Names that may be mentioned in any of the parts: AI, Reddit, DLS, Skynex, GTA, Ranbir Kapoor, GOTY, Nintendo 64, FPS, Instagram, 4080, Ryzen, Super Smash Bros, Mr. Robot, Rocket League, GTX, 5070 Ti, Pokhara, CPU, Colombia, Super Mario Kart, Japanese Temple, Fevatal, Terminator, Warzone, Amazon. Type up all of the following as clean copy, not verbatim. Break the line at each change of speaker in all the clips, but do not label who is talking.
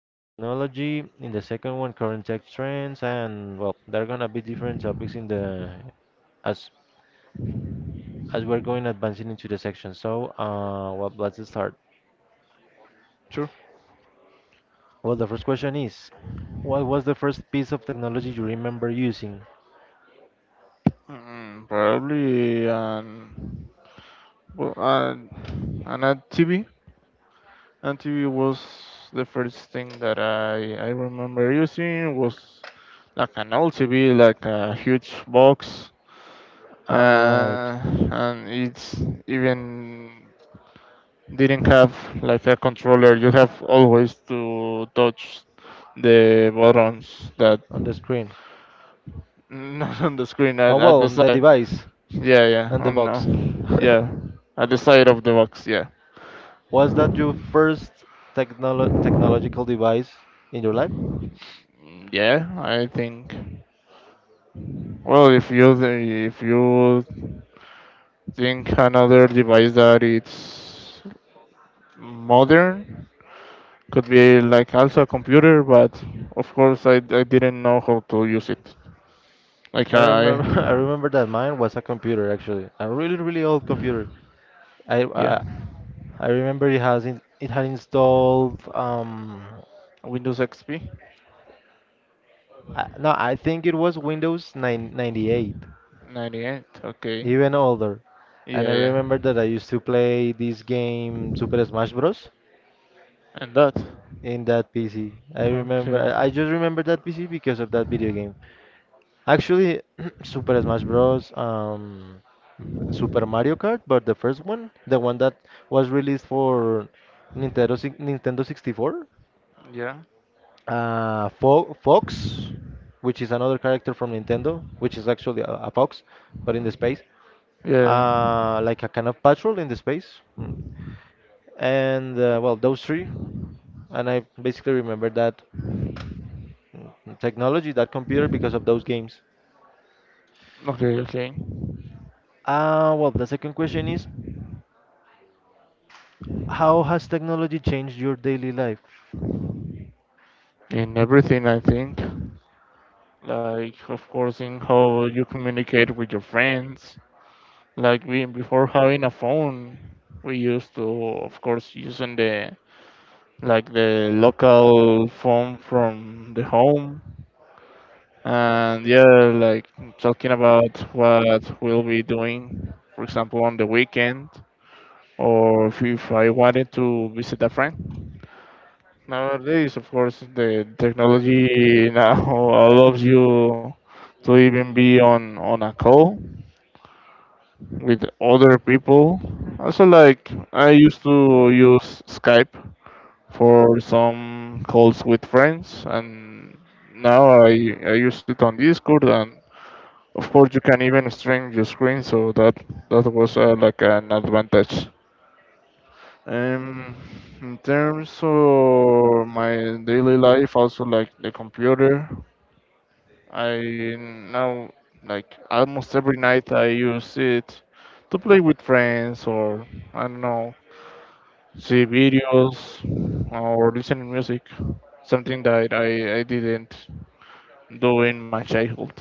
with technology. In the second one, current tech trends, and well, there are gonna be different topics in the as as we're going advancing into the section. So, let's start.
Sure.
Well, the first question is, what was the first piece of technology you remember using?
Probably an well, an ad TV. Ad TV was the first thing that I remember using. Was like an old TV, like a huge box,
All right,
uh, and it's even didn't have like a controller. You have always to touch the buttons that
on the screen.
not on the screen,
Oh
at the
well, the
side.
device
Yeah, yeah.
and
I
the box.
know. Yeah, at the side of the box. Yeah.
Was that your first technological device in your life?
Mm. Yeah, I think. Well, if you think another device that it's modern, could be like also a computer, but of course I didn't know how to use it. Like
I
I,
remember, I remember that mine was a computer actually, a really, really old computer. I,
yeah,
I, I remember it has in, it had installed.
Windows XP
No, I think it was Windows 9 98,
98. Okay.
even older. And I
Yeah, yeah.
remember that I used to play this game Super Smash Bros.
And that.
In that PC. I remember,
Okay.
I I just remember that PC because of that video game. Actually, Super Smash Bros. Super Mario Kart, but the first one, the one that was released for Nintendo Nintendo 64.
Yeah.
Fo Fox, which is another character from Nintendo, which is actually a fox, but in the space,
Yeah.
like a kind of patrol in the space. Mm. And those three, and I basically remember that mm, technology, that computer, because of those games.
Okay. Okay.
Well, the second question is, how has technology changed your daily life?
In everything, I think. Like, of course, in how you communicate with your friends, like we, before having a phone, we used to, of course, using the, like, the local phone from the home. And yeah, like talking about what we'll be doing, for example, on the weekend, or if I wanted to visit a friend. Nowadays, of course, the technology now allows you to even be on a call with other people. Also, like I used to use Skype for some calls with friends, and now I use it on Discord, and of course you can even stream your screen, so that was like an advantage. Um, in terms of my daily life, also like the computer, I now, like almost every night, I use it to play with friends, or I don't know, see videos or listen music, something that I didn't do in my childhood.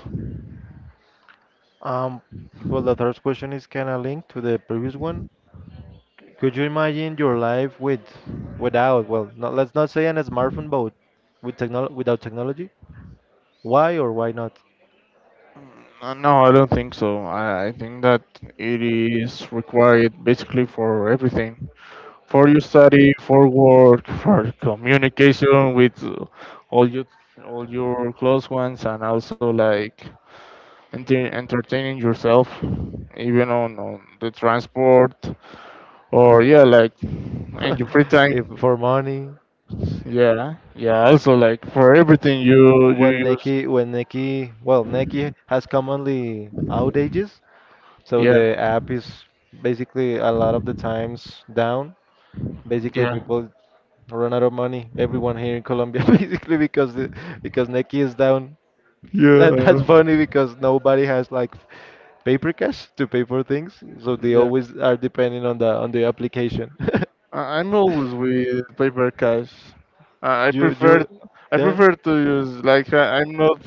Um, well, the third question is kind of linked to the previous one. Could you imagine your life with without, well, not, let's not say an smartphone, but with technol without technology? Why or why not?
No, I don't think so. I think that it is required basically for everything, for your study, for work, for communication with all your all your close ones, and also like entertaining yourself, even on the transport, or yeah, like in your free
If
time.
for money,
Yeah, yeah. Also, like for everything you use.
When Neki, well, Neki has commonly outages, so
Yeah,
the app is basically a lot of the times down. Basically,
yeah.
people run out of money. Everyone here in Colombia, basically, because Neki is down.
Yeah.
That's funny because nobody has like paper cash to pay for things, so they
Yeah.
always are depending on the application.
I'm always with paper cash. I, I
you
prefer
you
I
Yeah.
prefer to use, like, I'm not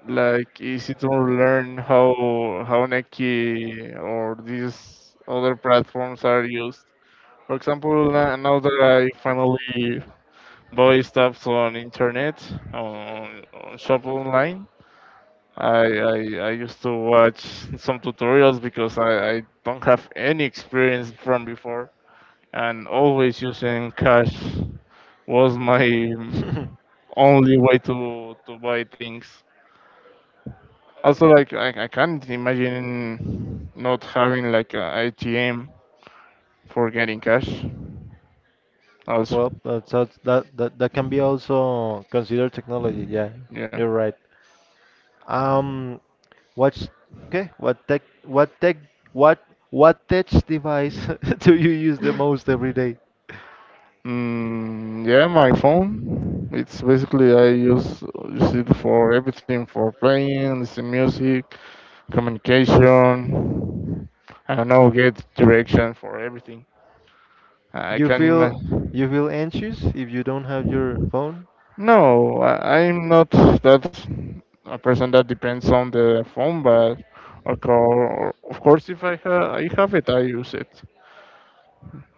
like easy to learn how Nequi or these other platforms are used. For example, now that I finally buy stuff on internet, on shop online, I used to watch some tutorials because I don't have any experience from before, and always using cash was my only way to buy things. Also, like I can't imagine not having like a ATM for getting cash. Also,
Well, that that can be also considered technology. Yeah,
yeah.
you're right. Um, what's okay? What what tech device do you use the most every day?
Mm, yeah, my phone. It's basically I use it for everything, for playing, listen music, communication. I don't know, get direction for everything. I
You
can
feel you
imagine.
feel anxious if you don't have your phone?
No, I'm not that a person that depends on the phone, but of course if I have it, I use it.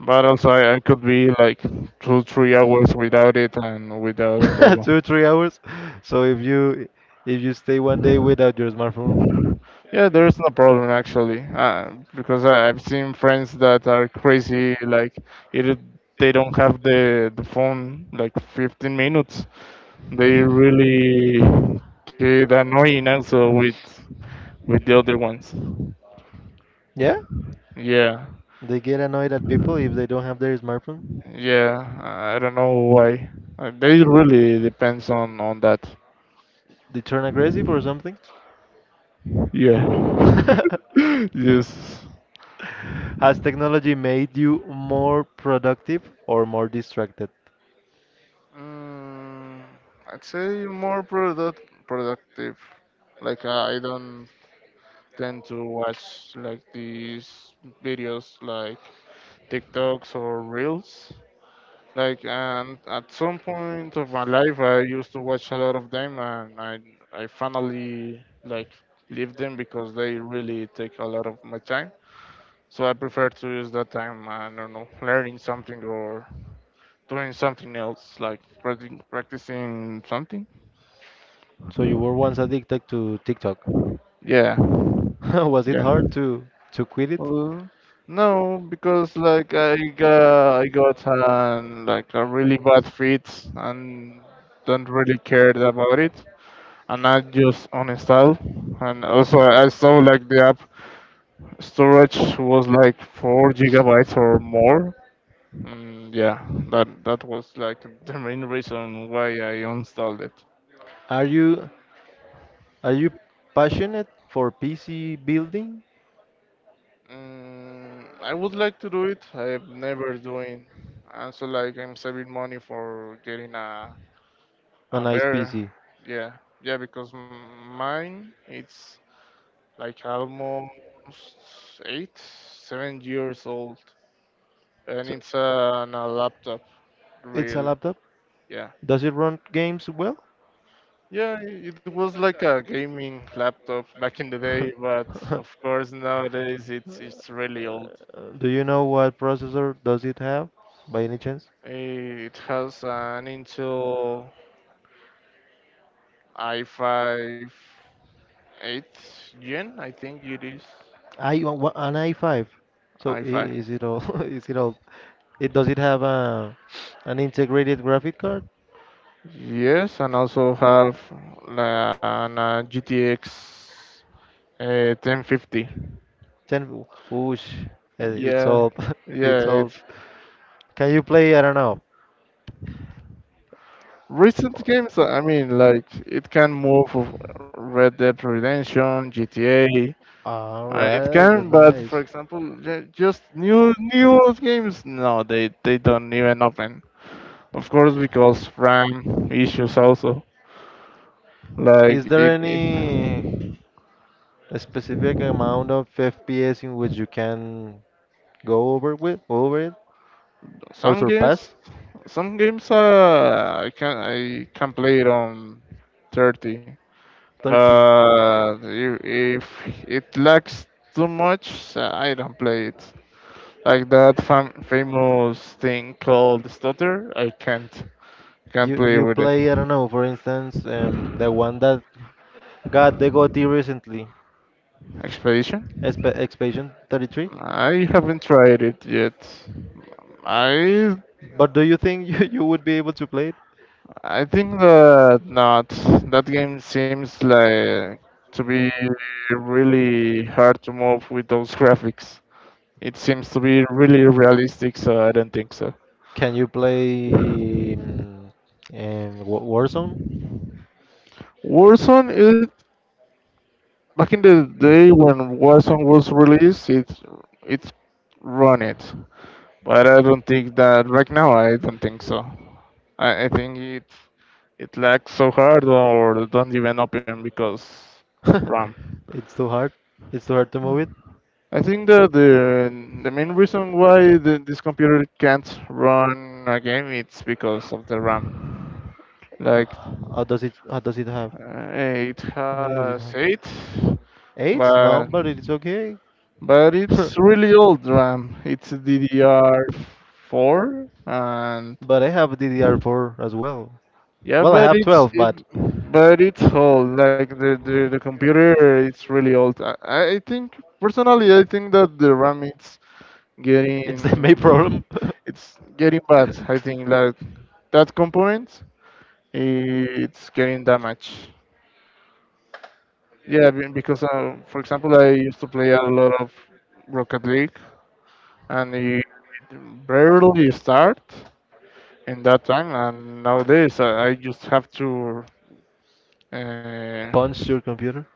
But also, I could be like two, 3 hours without it and without a problem.
Two, 3 hours. So if you stay one day without your smartphone,
Yeah, there is no problem actually, because I've seen friends that are crazy. Like, it, they don't have the phone like 15 minutes. They really get annoying also with the other ones.
yeah,
Yeah,
they get annoyed at people if they don't have their smartphone.
yeah. I don't know why. They really depends on that.
They turn aggressive or something.
Yeah. Yes.
Has technology made you more productive or more distracted?
Mm, I'd say more productive. Like I don't tend to watch like these videos like TikToks or Reels. Like, and at some point of my life, I used to watch a lot of them, and I finally like leave them because they really take a lot of my time. So I prefer to use that time, I don't know, learning something or doing something else, like practicing something.
So you were once addicted to TikTok.
Yeah.
Was it
Yeah.
hard to quit it?
Uh, no, because like I got like a really bad fit and don't really care about it. And I just uninstall. And also I saw like the app storage was like 4 gigabytes or more. And yeah, that was like the main reason why I uninstalled it.
Are you are you passionate for PC building?
I would like to do it. I'm never doing. And so like I'm saving money for getting a
A
a
nice
bear.
PC.
Yeah, yeah, because mine it's like almost eight, 7 years old, and
So,
it's on a laptop.
it's a
Real,
laptop.
yeah,
Does it run games well?
yeah. It was like a gaming laptop back in the day, but of course nowadays it's really old.
Do you know what processor does it have, by any chance?
It has an Intel, I 5 8 gen, I think it is.
An i5. So
I five.
is it all? Is it all? It does it have a an integrated graphic card?
Yes, and also have an GTX 1050.
10. Whoosh! It's
Yeah,
all.
yeah,
It's all.
it's
Can you play? I don't know.
recent games. I mean, like it can move of Red Dead Redemption, GTA.
All
It
right, the
can, but
nice.
for example, just new games. No, they don't even open. Of course, because RAM issues also. Like
Is there any specific amount of FPS in which you can go over with, over it, or
some games,
surpass?
some games I can play it on 30,
30.
but if it lags too much, I don't play it. Like that famous thing called Stutter, I can't
You
play
you
with it.
play, I don't know, for instance, the one that got the GOTY recently,
Expedition,
Expansion 33.
I haven't tried it yet. I
But do you think you would be able to play it?
I think that not, that game seems like to be really hard to move with those graphics. It seems to be really realistic, so I don't think so.
Can you play Warzone?
Warzone is, back in the day when Warzone was released, it run it, but I don't think that right now. I don't think so. I think it lags so hard or don't even open because RAM.
It's too hard. It's too hard to move it.
I think that the main reason why this computer can't run a game it's because of the RAM. Like
How does it? How does it have?
it
How many does it
has
have?
eight,
8?
but
No, but it's okay.
but it's really old RAM. It's DDR4, and
But I have DDR4 as well.
yeah,
Well, I
but
have
it's
12, but
it- but it's old. Like the computer, it's really old. I think personally, I think that the RAM
it's the main
getting
problem.
it's getting bad. I think like that component, it's getting damaged. Yeah, because for example, I used to play a lot of Rocket League, and it barely start in that time. And nowadays, I just have to uh,
Punch your computer.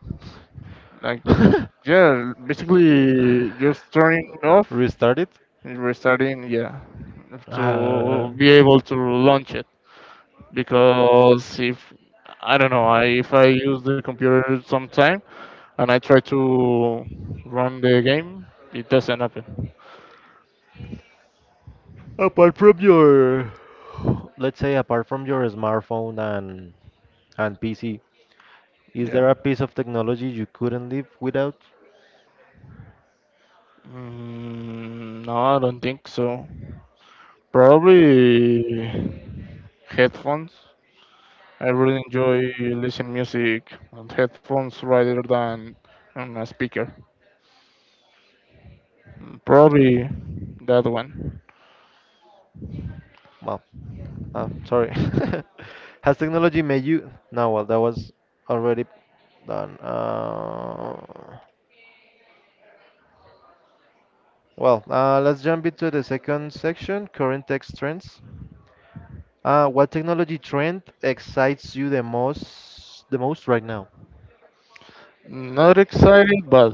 like, yeah, basically just turning off
Restart it.
and restarting, yeah,
Uh,
to be able to launch it. Because if, I don't know, if I use the computer sometime and I try to run the game, it doesn't happen.
Apart from your, let's say, apart from your smartphone and PC, is
Yeah.
there a piece of technology you couldn't live without?
No, I don't think so. Probably headphones. I really enjoy listening music on headphones rather than on a speaker. Probably that one.
Well, sorry. Has technology made you? No, well, that was already done. Let's jump into the second section, current tech trends. What technology trend excites you the most right now?
Not excited, but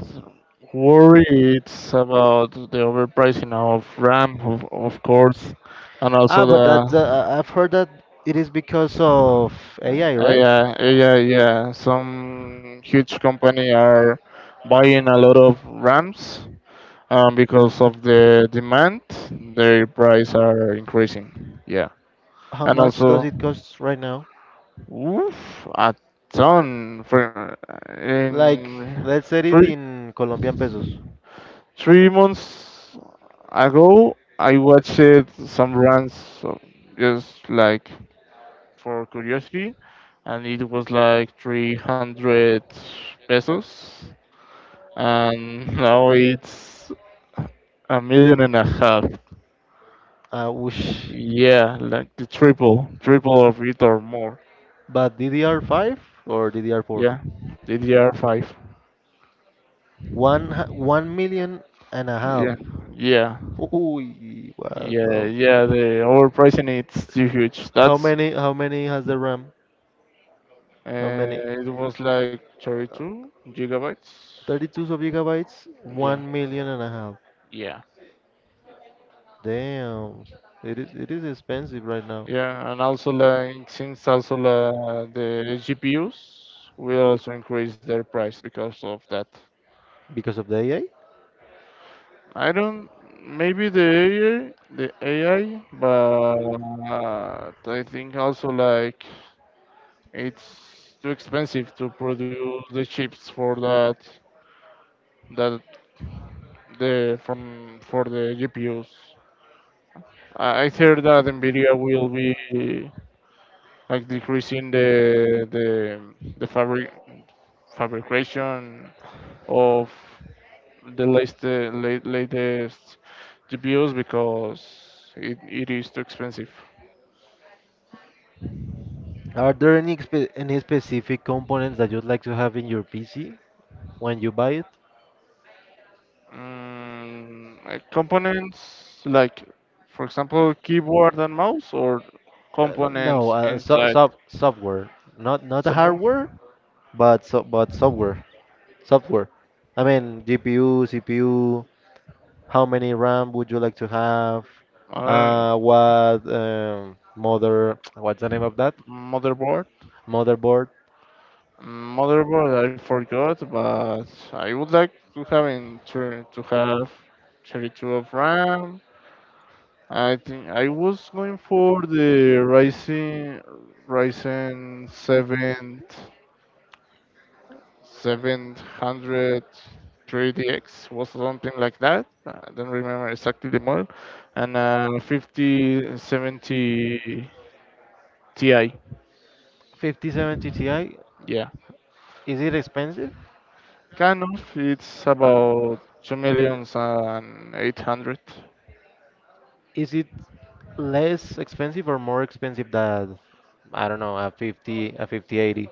worry it's about the overpricing of RAM, of course, and
Ah,
also
but that
the
I've heard that it is because of AI, right?
yeah, AI, yeah. Some huge company are buying a lot of RAMs because of the demand, their price are increasing. Yeah,
How
and
much does
also,
it cost right now?
oof, a ton for
Like,
in
let's say it
three
in Colombian pesos.
three months ago, I watched some runs so, just like for curiosity, and it was like 300 pesos, and now it's a million and a half.
Whoosh.
Yeah, like the triple of it or more.
But DDR5 or DDR4?
Yeah, DDR5.
1 million and a half.
Yeah, yeah,
Ooh, what
yeah,
the?
yeah. The overpricing it's too huge. That's.
How many has the RAM? How many?
It was like 32 gigabytes.
32 of gigabytes,
Yeah,
1 million and a half.
yeah.
Damn. It is expensive right now.
Yeah, and also like, since also the GPUs will also increase their price because of that.
Because of the AI?
I don't, maybe the AI, but I think also like it's too expensive to produce the chips for that the from for the GPUs. I heard that Nvidia will be like decreasing the fabrication of the latest GPUs because it is too expensive.
Are there any any specific components that you'd like to have in your PC when you buy it?
Like components, like for example keyboard and mouse, or
No,
components
so,
inside
software, not the
server,
hardware, but software. I mean GPU, CPU. How many RAM would you like to have?
uh,
What Mother? What's the name of that
motherboard.
motherboard?
Motherboard, I forgot, but I would like to have in turn to have 32 of RAM. I think I was going for the Ryzen 7 700 3DX, was something like that. I don't remember exactly the model. And 5070 Ti.
5070 Ti.
Yeah,
Is it expensive?
kind of. It's about two millions and 800.
Is it less expensive or more expensive than I don't know a 5080?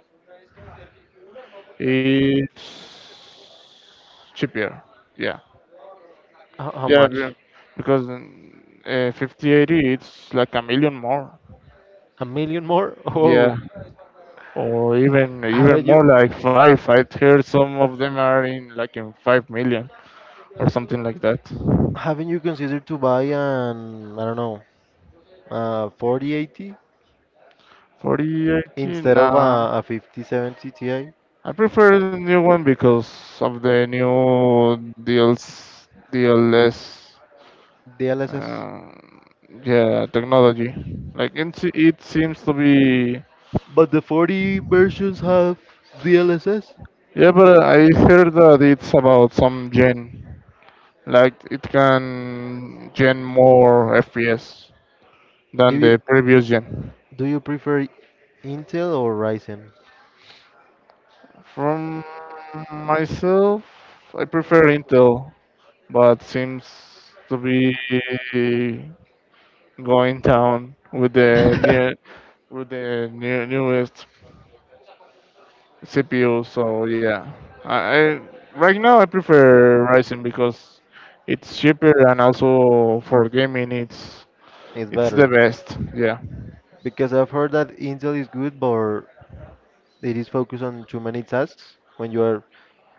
It's cheaper. Yeah.
How
Yeah.
much?
Because 5080 it's like a million more.
A million more?
Yeah.
Oh,
Or even
haven't you
more, like five. I heard some of them are in, like, in 5 million or something like that.
haven't you considered to buy an I don't know, 4080
4080.
instead of
Nah.
a 5070 Ti
I prefer the new one because of the new DLS, DLS
DLSS?
um, yeah, technology. Like it, it seems to be.
But the 40 versions have DLSS.
Yeah, but I heard that it's about some gen. Like it can gen more FPS
Do
than
you
the previous gen.
do you prefer Intel or Ryzen?
From myself, I prefer Intel, but seems to be going down with the near with the new, newest CPU. So yeah, I right now I prefer Ryzen because it's cheaper, and also for gaming it's
It's
It's the
better
best. Yeah.
because I've heard that Intel is good, but it is focused on too many tasks when you are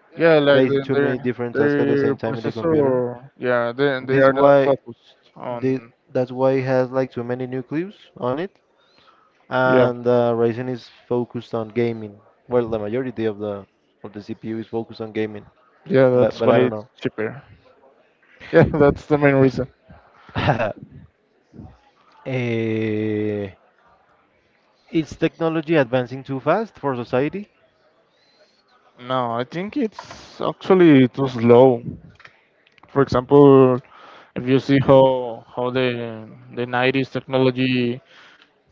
Yeah, like the,
facing too many
their
different tasks at the
their
same time in the computer.
processor. Yeah, they
This
are not
why
focused
the
on.
that's why it has like too many nucleus on it,
Yeah.
and Ryzen is focused on gaming. Well, the majority of the CPU is focused on gaming,
Yeah,
but
that's why
I
it's
don't
cheaper. Yeah, that's the main reason.
know. Eh, is technology advancing too fast for society?
No, I think it's actually too slow. For example, if you see how the 90s technology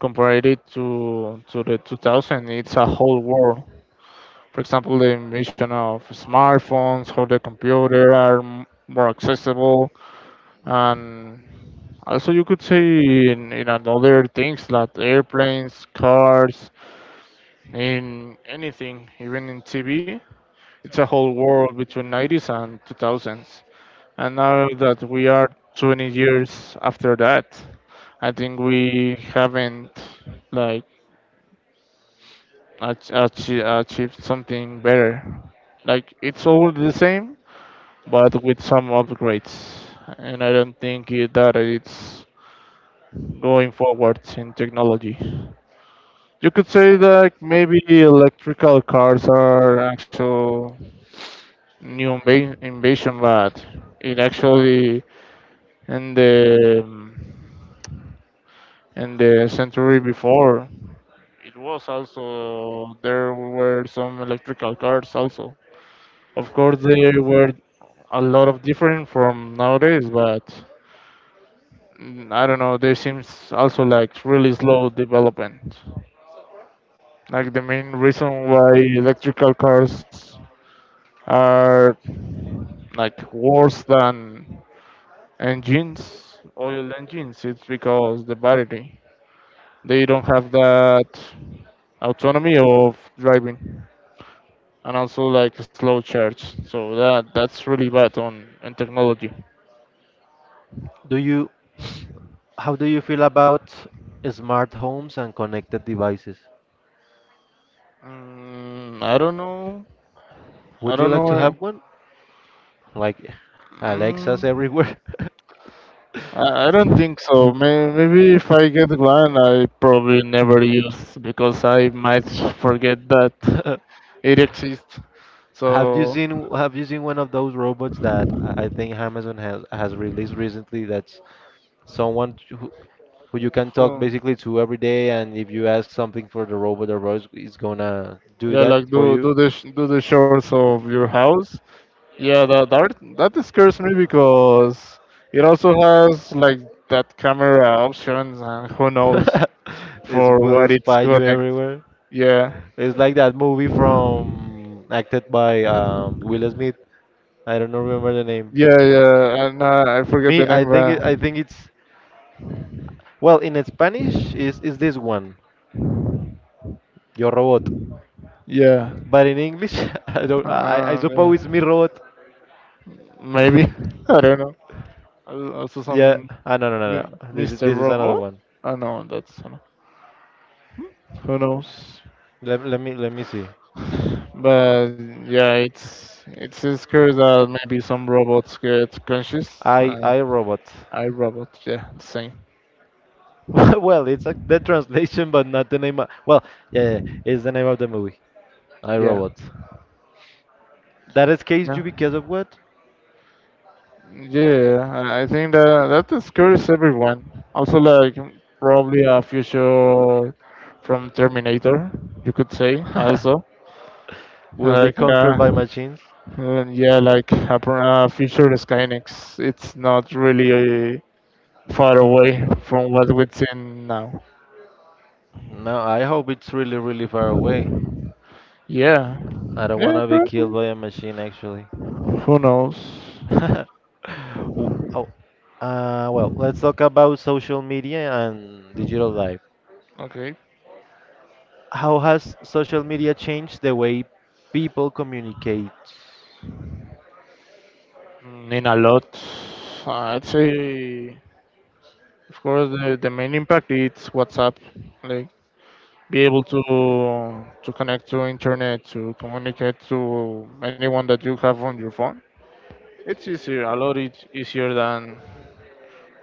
compared it to the 2000s, it's a whole world. For example, the invention of smartphones, how the computer are more accessible. And also, you could say in another things like airplanes, cars, in anything, even in TV, it's a whole world between 90s and 2000s. And now that we are 20 years after that, I think we haven't like achieved something better. Like it's all the same, but with some upgrades. And I don't think it, that it's going forward in technology. You could say that maybe electrical cars are actual new invasion, but it actually in the in the century before it was also there were some electrical cars also. Of course, they were a lot of different from nowadays, but I don't know. There seems also like really slow development. Like the main reason why electrical cars are like worse than engines, oil engines, it's because the battery. They don't have that autonomy of driving and also like slow charge. So that's really bad on in technology.
Do you how do you feel about smart homes and connected devices?
I don't know. I
Would
don't
you
know.
like to have one? Like Alexa's
Mm,
everywhere.
I don't think so. Maybe if I get one, I probably never use because I might forget that it exists. So
Have you seen one of those robots that I think Amazon has released recently? That's someone who you can talk
uh,
basically to every day, and if you ask something for the robot is gonna do
yeah,
that
like
for
do
you.
do the do the chores of your house. Yeah, that scares me because it also has like that camera options and who knows
It
for what
will
it's
spy you
connect.
everywhere.
Yeah,
It's like that movie from acted by Will Smith. I don't know remember the name.
yeah, yeah. And I forget the
Me,
name.
I think it's well in Spanish is this one, Yo Robot.
Yeah,
But in English, I don't. I
yeah.
suppose it's Mi Robot.
Maybe, I don't know. Also
Yeah.
some
Ah, no, no, no, no.
Mr.
This is another
Robot.
one.
I know that's who knows.
Let me see.
But yeah, it's a scare that maybe some robots get conscious.
I Robot.
I robot. Yeah, same.
Well, it's like the translation, but not the name. Of, yeah. It's the name of the movie. I
Yeah,
Robot. That
yeah,
escapes you because of what?
yeah. I think that that scares everyone. Also, like probably a future from Terminator, you could say. Also,
Will be
like
conquered by machines.
Yeah, like future Skynex, it's not really far away from what we've seen now.
No, I hope it's really, really far away.
Yeah,
I don't want
yeah,
to be killed
probably.
by a machine, actually.
Who knows?
W- oh, let's talk about social media and digital life.
Okay.
How has social media changed the way people communicate?
In a lot, I'd say, of course, the main impact is WhatsApp. Like, be able to connect to internet, to communicate to anyone that you have on your phone. It's easier, a lot it's easier than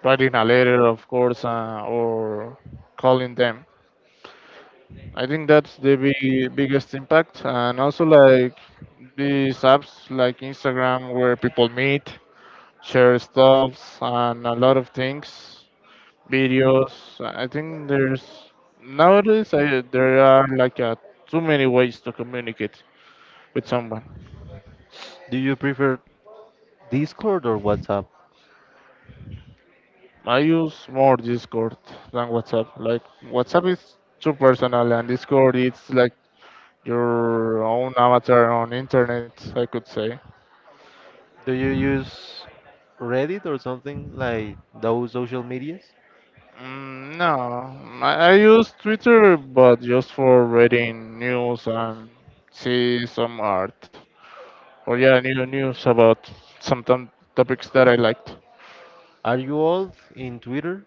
writing a letter, of course, or calling them. I think that's the big, biggest impact. And also, like these apps like Instagram, where people meet, share stuffs, and a lot of things, videos. I think there's nowadays I, there are like too many ways to communicate with someone.
Do you prefer Discord or WhatsApp?
I use more Discord than WhatsApp. Like WhatsApp is too personal, and Discord it's like your own avatar on internet, I could say.
Do you use Reddit or something like those social medias?
No, I use Twitter, but just for reading news and see some art. Or yeah, new news about some topics that I liked.
Are you old in Twitter?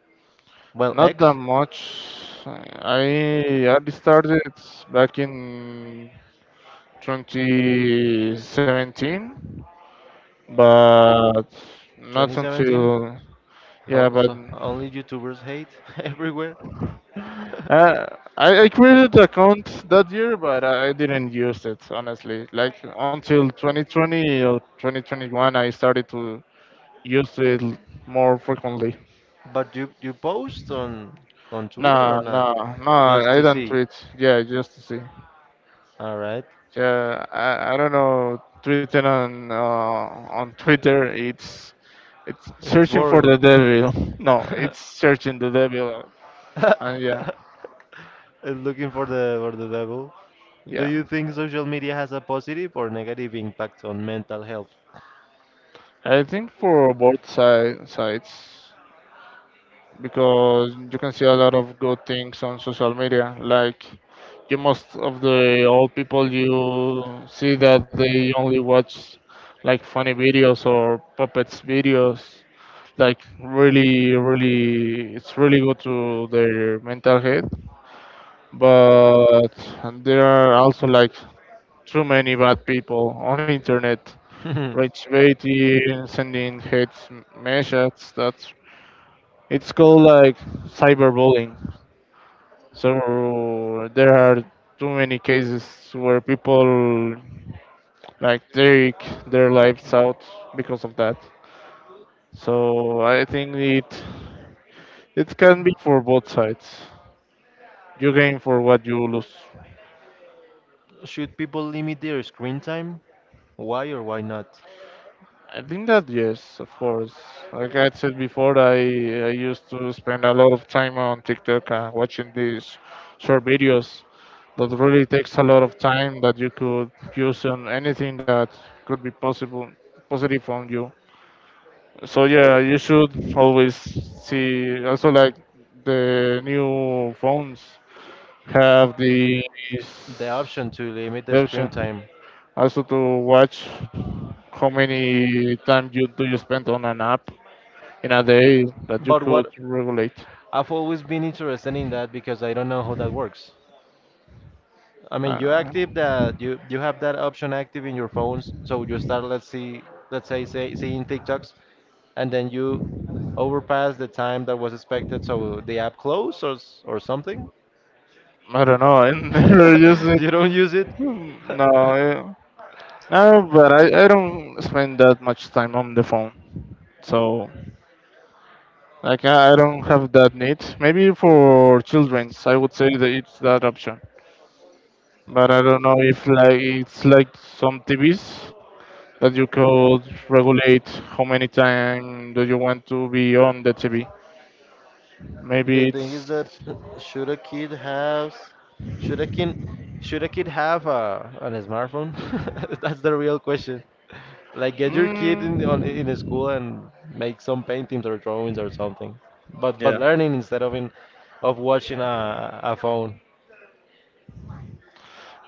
Well,
Not that
X,
much. I started back in 2017, but not
2017.
until yeah,
Oh,
but
so only YouTubers hate everywhere.
Uh, I created the account that year, but I didn't use it honestly. Like until 2020 or 2021, I started to use it more frequently.
But you post on Twitter or
No,
not?
no, no,
Just
I
to
don't
see.
tweet. Yeah, just to see.
All right.
I don't know. Tweeting on Twitter, it's
It's
searching for
boring.
the devil. No, it's searching the devil. And yeah,
And looking for the devil. Do
yeah.
you think social media has a positive or negative impact on mental health?
I think for both sides, because you can see a lot of good things on social media. Like you, most of the old people, you see that they only watch like funny videos or puppets videos. Like really, really, it's really good to their mental health. But there are also like too many bad people on internet, rage baiting, sending hate messages. That's it's called like cyberbullying. So there are too many cases where people like take their lives out because of that. So I think it it can be for both sides. You gain for what you lose.
Should people limit their screen time? Why or why not?
I think that yes, of course. Like I said before, I used to spend a lot of time on TikTok watching these short videos that really takes a lot of time that you could use on anything that could be possible positive on you. So yeah, you should always see also like the new phones have
The
this
option to limit the
the
screen
option
time.
also to watch how many time you do you spend on an app in a day that you
But
could
what
regulate.
I've always been interested in that because I don't know how that works. I mean, you
Uh,
active that you have that option active in your phones, so you start let's see say seeing TikToks, and then you overpass the time that was expected, so the app close or or something.
I don't know. I never use it.
You don't use it.
No, no, but I don't spend that much time on the phone. So like I don't have that need. Maybe for childrens, I would say that it's that option. But I don't know if like it's like some TVs that you could regulate how many time do you want to be on the TV.
The
Maybe
thing is
it's.
that should a kid have should a kid should a kid have a on a smartphone? That's the real question. Like get your kid in on in a
Mm,
school and make some paintings or drawings or something. But
yeah.
learning instead of in of watching a phone,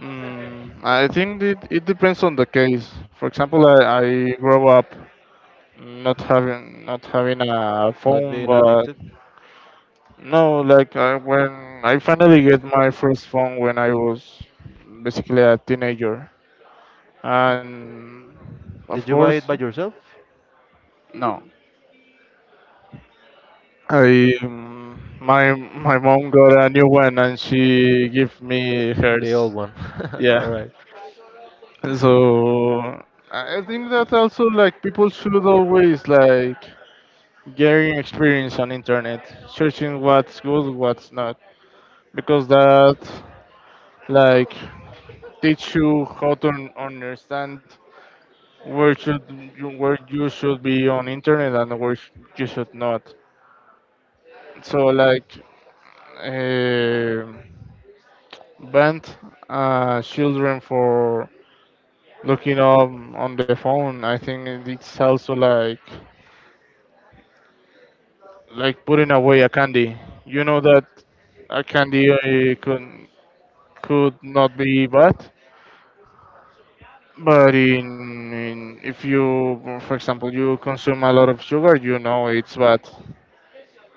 I think it depends on the case. For example, I grow up not having a
not
phone,
being
but
addicted.
no, like I, when I finally get my first phone when I was basically a teenager, and of
Did you buy
course,
it by yourself?
no, I my mom got a new one and she gave me
The old
hers.
one. All
Yeah,
right.
so I think that also like people should always like gathering experience on internet, searching what's good, what's not, because that like teach you how to understand where should you, where you should be on internet and where you should not. So like um banned children for looking up on the phone. I think it's also like putting away a candy. You know that a candy could not be bad, but in if you, for example, you consume a lot of sugar, you know it's bad.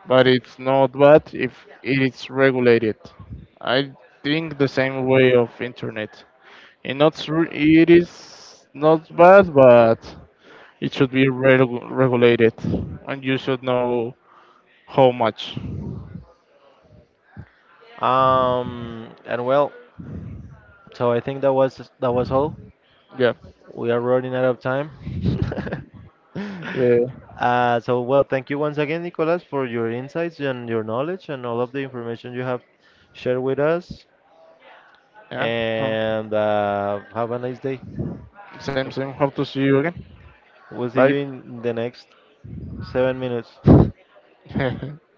But it's not bad if it's regulated. I think the same way of internet. It not s- it is not bad, but it should be regulated, and you should know how much.
And well, so I think that was all.
Yeah.
We are running out of time.
Yeah.
Thank you once again, Nicolas, for your insights and your knowledge and all of the information you have shared with us.
Yeah. Huh.
And have a nice day.
Same,
No,
same. Hope to see you again.
we'll see
Bye.
you in the next 7 minutes.